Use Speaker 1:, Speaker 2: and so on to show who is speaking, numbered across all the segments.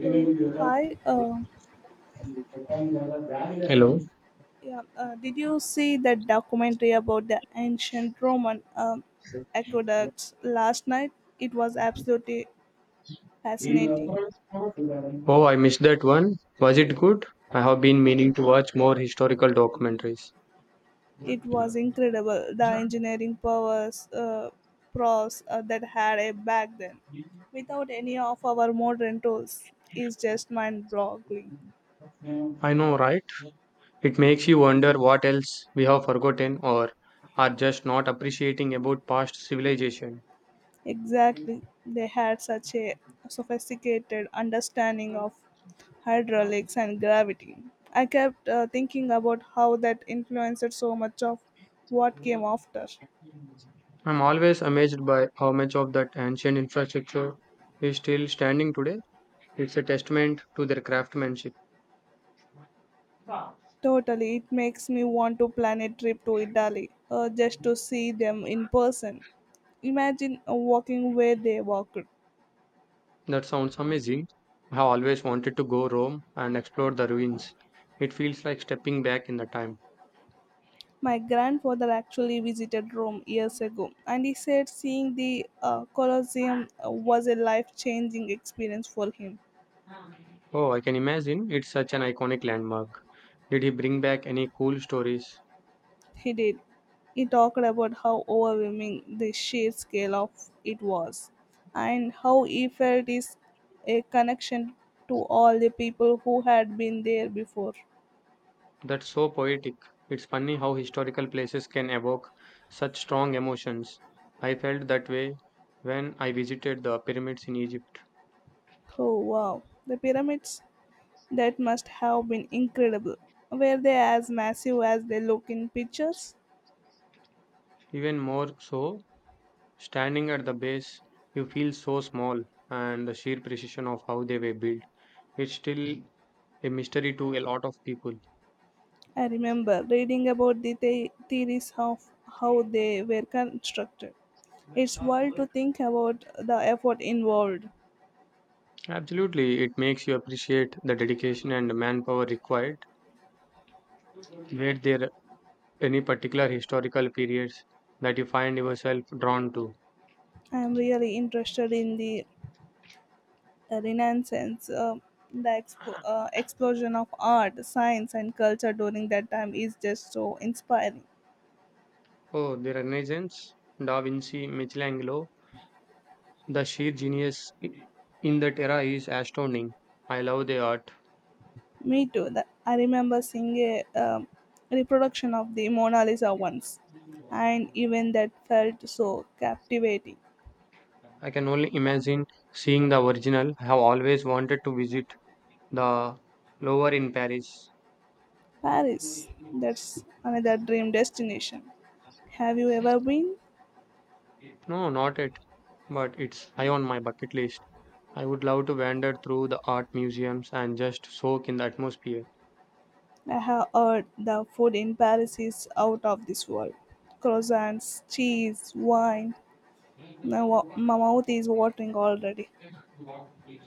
Speaker 1: So, hi.
Speaker 2: Hello.
Speaker 1: Yeah. Did you see that documentary about the ancient Roman aqueducts last night? It was absolutely fascinating.
Speaker 2: Oh, I missed that one. Was it good? I have been meaning to watch more historical documentaries.
Speaker 1: It was incredible the engineering powers, pros that had it back then, without any of our modern tools, is just mind-boggling.
Speaker 2: I know, right? It makes you wonder what else we have forgotten or are just not appreciating about past civilization.
Speaker 1: Exactly. They had such a sophisticated understanding of hydraulics and gravity. I kept thinking about how that influenced so much of what came after.
Speaker 2: I'm always amazed by how much of that ancient infrastructure is still standing today. It's a testament to their craftsmanship.
Speaker 1: Totally, it makes me want to plan a trip to Italy just to see them in person. Imagine walking where they walked.
Speaker 2: That sounds amazing. I have always wanted to go Rome and explore the ruins. It feels like stepping back in the time.
Speaker 1: My grandfather actually visited Rome years ago, and he said seeing the Colosseum was a life changing experience for him.
Speaker 2: Oh, I can imagine. It's such an iconic landmark. Did he bring back any cool stories?
Speaker 1: He did. He talked about how overwhelming the sheer scale of it was, and how he felt is a connection to all the people who had been there before.
Speaker 2: That's so poetic. It's funny how historical places can evoke such strong emotions. I felt that way when I visited the pyramids in Egypt.
Speaker 1: Oh wow, the pyramids! That must have been incredible. Were they as massive as they look in pictures?
Speaker 2: Even more so, standing at the base, you feel so small and the sheer precision of how they were built. It still a mystery to a lot of people.
Speaker 1: I remember reading about the theories of how they were constructed. It's wild to think about the effort involved.
Speaker 2: Absolutely, it makes you appreciate the dedication and manpower required. Were there any particular historical periods that you find yourself drawn to?
Speaker 1: I'm really interested in the Renaissance. The explosion of art, science, and culture during that time is just so inspiring.
Speaker 2: Oh, the Renaissance, Da Vinci, Michelangelo. The sheer genius in that era is astounding. I love the art.
Speaker 1: Me too. The, I remember seeing a reproduction of the Mona Lisa once, and even that felt so captivating.
Speaker 2: I can only imagine seeing the original. I have always wanted to visit the Louvre in Paris.
Speaker 1: Paris, that's another dream destination. Have you ever been?
Speaker 2: No, not it, but it's high on my bucket list. I would love to wander through the art museums and just soak in the atmosphere.
Speaker 1: I have heard the food in Paris is out of this world. Croissants, cheese, wine, my mouth is watering already.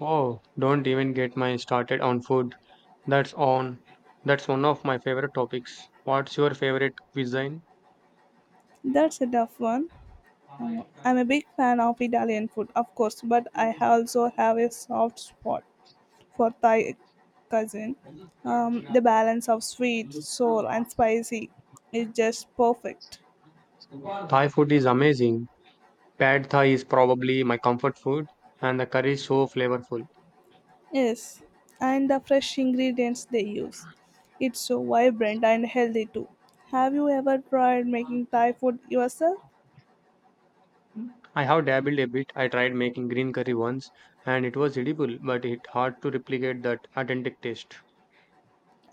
Speaker 2: Oh, don't even get me started on food. That's on. That's one of my favorite topics. What's your favorite cuisine?
Speaker 1: That's a tough one. I'm a big fan of Italian food, of course, but I also have a soft spot for Thai cuisine. The balance of sweet, sour, and spicy is just perfect.
Speaker 2: Thai food is amazing. Pad Thai is probably my comfort food, and the curry is so flavorful.
Speaker 1: Yes, and the fresh ingredients they use. It's so vibrant and healthy too. Have you ever tried making Thai food yourself?
Speaker 2: I have dabbled a bit. I tried making green curry once, and it was edible, but it's hard to replicate that authentic taste.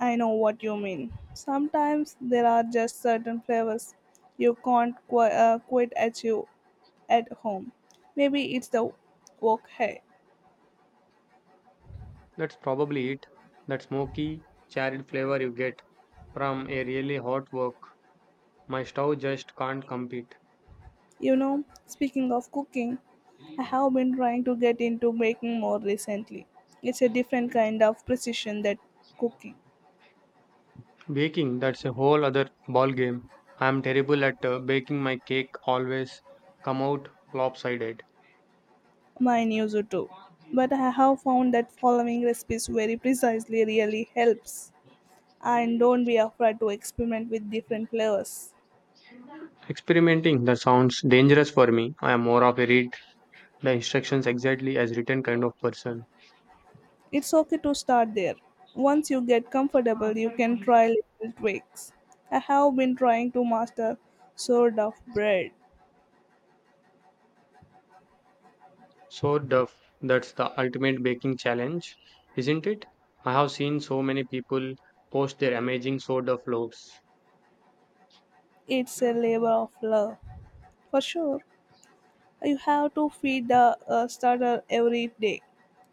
Speaker 1: I know what you mean. Sometimes there are just certain flavors you can't quite achieve at home. Maybe it's the wok hey.
Speaker 2: That's probably it. That smoky, charred flavor you get from a really hot work. My stove just can't compete.
Speaker 1: You know, speaking of cooking, I have been trying to get into baking more recently. It's a different kind of precision that cooking
Speaker 2: Baking, that's a whole other ball game. I'm terrible at baking my cake always come out lopsided.
Speaker 1: mine used to. But I have found that following recipes very precisely really helps. And don't be afraid to experiment with different flavors.
Speaker 2: Experimenting that sounds dangerous for me. I am more of a read the instructions exactly as written kind of person.
Speaker 1: It's okay to start there. Once you get comfortable, you can try little tweaks. I have been trying to master sword of bread.
Speaker 2: So the that's the ultimate baking challenge, isn't it? I have seen so many people post their amazing sourdough loaves.
Speaker 1: It's a labor of love. For sure, you have to feed the starter every day,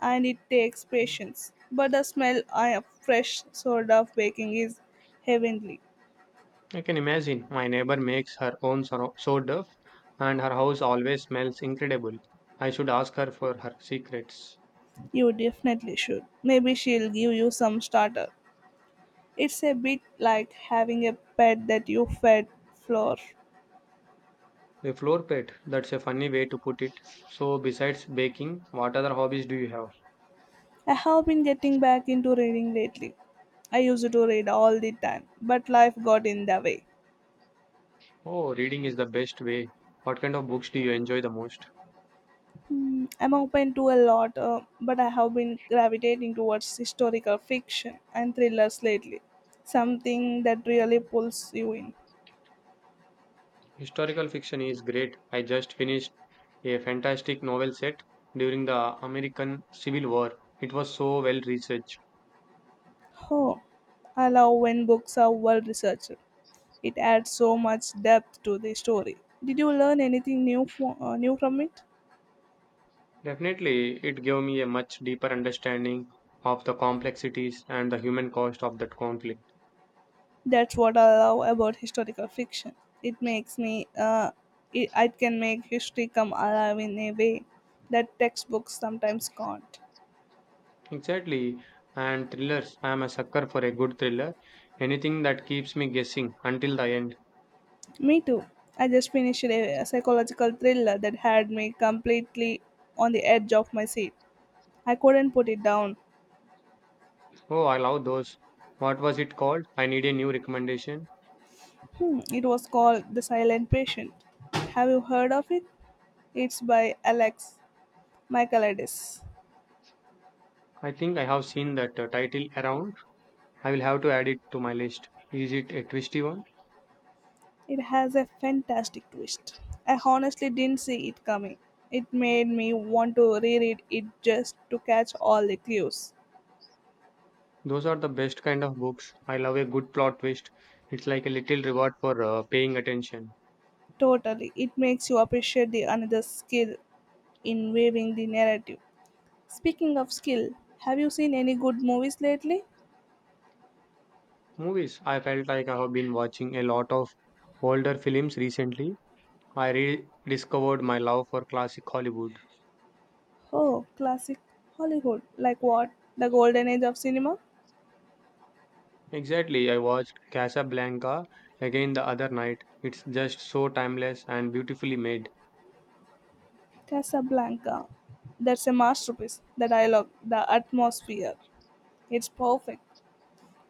Speaker 1: and it takes patience. But the smell of fresh sort of baking is heavenly.
Speaker 2: I can imagine. My neighbor makes her own sourdough, and her house always smells incredible. I should ask her for her secrets.
Speaker 1: You definitely should. Maybe she'll give you some starter. It's a bit like having a pet that you fed flour.
Speaker 2: A floor pet, that's a funny way to put it. So, besides baking, what other hobbies do you have?
Speaker 1: I have been getting back into reading lately. I used to read all the time, but life got in the way.
Speaker 2: Oh, reading is the best way. What kind of books do you enjoy the most?
Speaker 1: Hmm, I'm open to a lot, but I have been gravitating towards historical fiction and thrillers lately. Something that really pulls you in.
Speaker 2: Historical fiction is great. I just finished a fantastic novel set during the American Civil War. It was so well researched.
Speaker 1: Oh, I love when books are well researched. It adds so much depth to the story. Did you learn anything new from it?
Speaker 2: Definitely, it gave me a much deeper understanding of the complexities and the human cost of that conflict.
Speaker 1: That's what I love about historical fiction. It makes me, it can make history come alive in a way that textbooks sometimes can't.
Speaker 2: Exactly. And thrillers, I am a sucker for a good thriller. Anything that keeps me guessing until the end.
Speaker 1: Me too. I just finished a psychological thriller that had me completely on the edge of my seat. I couldn't put it down.
Speaker 2: Oh, I love those. What was it called? I need a new recommendation.
Speaker 1: Hmm, it was called The Silent Patient. Have you heard of it? It's by Alex Michaelides.
Speaker 2: I think I have seen that title around. I will have to add it to my list. Is it a twisty one?
Speaker 1: It has a fantastic twist. I honestly didn't see it coming. It made me want to reread it just to catch all the clues.
Speaker 2: Those are the best kind of books. I love a good plot twist. It's like a little reward for paying attention.
Speaker 1: Totally, it makes you appreciate the another skill in weaving the narrative. Speaking of skill, have you seen any good movies lately?
Speaker 2: Movies. I felt like I have been watching a lot of older films recently. I rediscovered my love for classic Hollywood.
Speaker 1: Oh, classic Hollywood. Like what? The Golden Age of Cinema?
Speaker 2: Exactly. I watched Casablanca again the other night. It's just so timeless and beautifully made.
Speaker 1: Casablanca. That's a masterpiece. The dialogue, the atmosphere. It's perfect.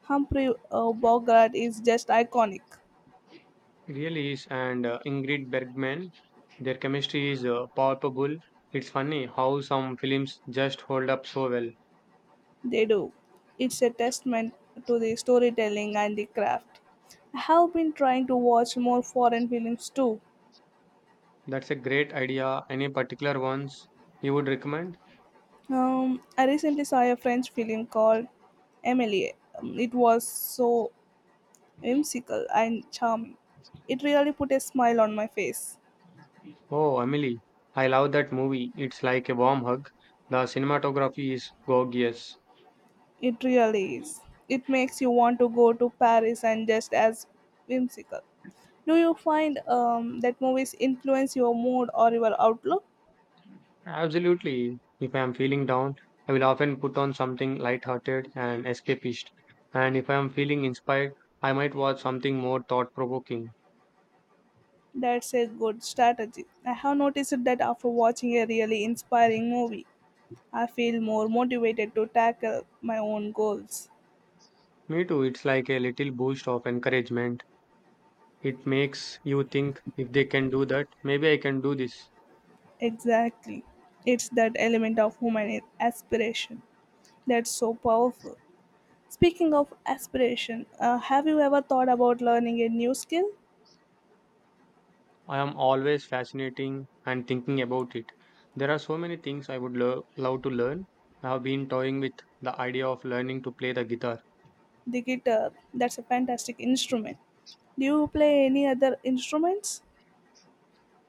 Speaker 1: Humphrey Bogart is just iconic.
Speaker 2: It really is. And Ingrid Bergman, their chemistry is palpable. It's funny how some films just hold up so well.
Speaker 1: They do. It's a testament to the storytelling and the craft. I have been trying to watch more foreign films too.
Speaker 2: That's a great idea. Any particular ones you would recommend?
Speaker 1: I recently saw a French film called Amelie. It was so whimsical and charming. It really put a smile on my face.
Speaker 2: Oh, Emily, I love that movie. It's like a warm hug. The cinematography is gorgeous.
Speaker 1: It really is. It makes you want to go to Paris and just as whimsical. Do you find that movies influence your mood or your outlook?
Speaker 2: Absolutely. If I am feeling down, I will often put on something light-hearted and escapist. And if I am feeling inspired, I might watch something more thought-provoking.
Speaker 1: That's a good strategy. I have noticed that after watching a really inspiring movie, I feel more motivated to tackle my own goals.
Speaker 2: Me too. It's like a little boost of encouragement. It makes you think if they can do that, maybe I can do this.
Speaker 1: Exactly. It's that element of human aspiration that's so powerful. Speaking of aspiration, have you ever thought about learning a new skill?
Speaker 2: I am always fascinating and thinking about it. There are so many things I would love to learn. I have been toying with the idea of learning to play the guitar.
Speaker 1: The guitar. That's a fantastic instrument. Do you play any other instruments?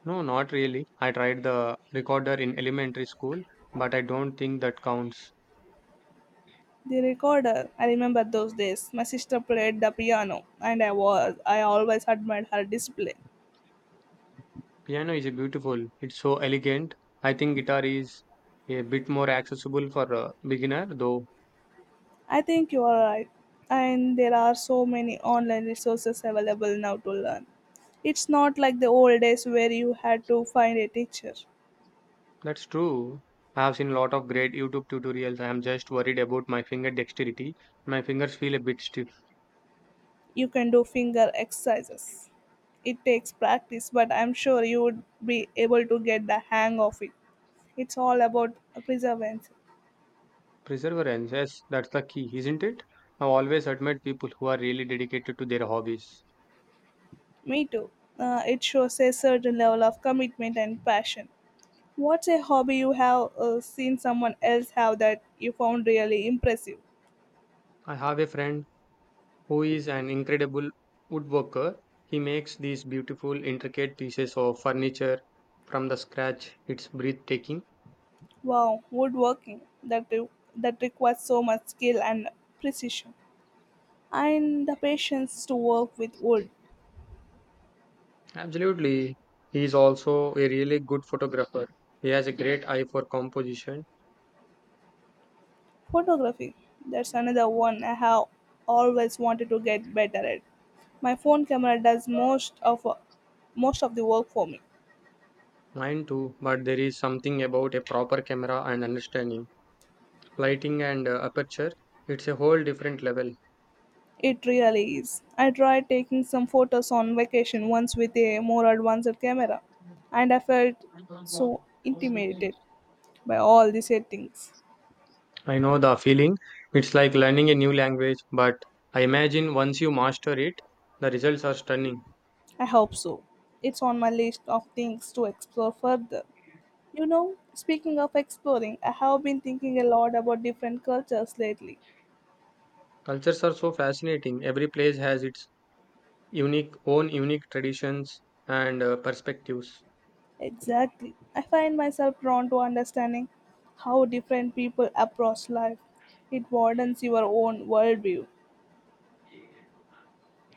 Speaker 2: No, not really. I tried the recorder in elementary school, but I don't think that counts.
Speaker 1: The recorder. I remember those days. My sister played the piano, and I always admired her discipline.
Speaker 2: Piano is beautiful. It's so elegant. I think guitar is a bit more accessible for a beginner, though.
Speaker 1: I think you are right, and there are so many online resources available now to learn. It's not like the old days where you had to find a teacher.
Speaker 2: That's true. I have seen a lot of great YouTube tutorials. I am just worried about my finger dexterity. My fingers feel a bit stiff.
Speaker 1: You can do finger exercises. It takes practice, but I'm sure you would be able to get the hang of it. It's all about perseverance.
Speaker 2: Perseverance, yes, that's the key, isn't it? I always admire people who are really dedicated to their hobbies.
Speaker 1: Me too. It shows a certain level of commitment and passion. What's a hobby you have seen someone else have that you found really impressive?
Speaker 2: I have a friend who is an incredible woodworker. He makes these beautiful, intricate pieces of furniture from the scratch. It's breathtaking.
Speaker 1: Wow, woodworking that requires so much skill and precision, and the patience to work with wood.
Speaker 2: Absolutely. He is also a really good photographer. He has a great eye for composition.
Speaker 1: Photography, that's another one I have always wanted to get better at. My phone camera does most of the work for me.
Speaker 2: Mine too, but there is something about a proper camera and understanding. Lighting and aperture, it's a whole different level.
Speaker 1: It really is. I tried taking some photos on vacation once with a more advanced camera, and I felt so intimidated by all the settings.
Speaker 2: I know the feeling. It's like learning a new language, but I imagine once you master it, the results are stunning.
Speaker 1: I hope so. It's on my list of things to explore further. You know, speaking of exploring, I have been thinking a lot about different cultures lately.
Speaker 2: Cultures are so fascinating. Every place has its unique own unique traditions and perspectives.
Speaker 1: Exactly. I find myself drawn to understanding how different people approach life. It broadens your own worldview,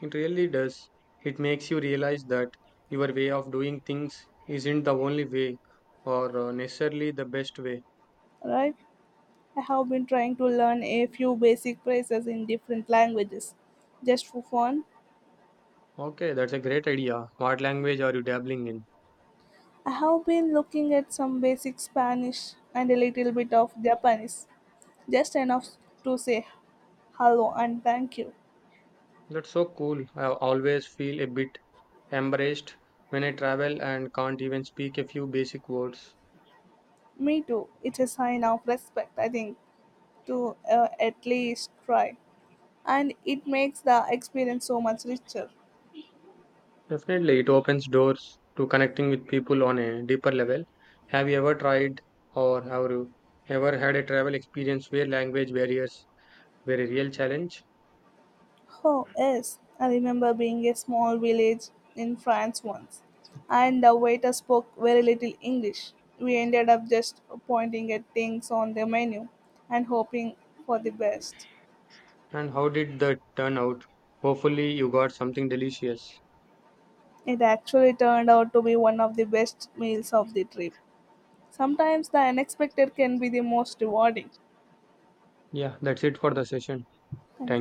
Speaker 2: It really does. It makes you realize that your way of doing things isn't the only way or necessarily the best way.
Speaker 1: right? I have been trying to learn a few basic phrases in different languages just for fun.
Speaker 2: Okay, that's a great idea. What language are you dabbling in?
Speaker 1: I have been looking at some basic Spanish and a little bit of Japanese, just enough to say hello and thank you.
Speaker 2: That's so cool. I always feel a bit embraced when I travel and can't even speak a few basic words.
Speaker 1: Me too. It's a sign of respect, I think, to at least try. And it makes the experience so much richer.
Speaker 2: Definitely, it opens doors to connecting with people on a deeper level. Have you ever tried or have you ever had a travel experience where language barriers were a real challenge?
Speaker 1: Oh, yes, I remember being a small village in France once, and the waiter spoke very little English. We ended up just pointing at things on the menu and hoping for the best.
Speaker 2: And how did that turn out? Hopefully, you got something delicious.
Speaker 1: It actually turned out to be one of the best meals of the trip. Sometimes the unexpected can be the most rewarding.
Speaker 2: Yeah, that's it for the session.
Speaker 1: Thank you.
Speaker 2: Thank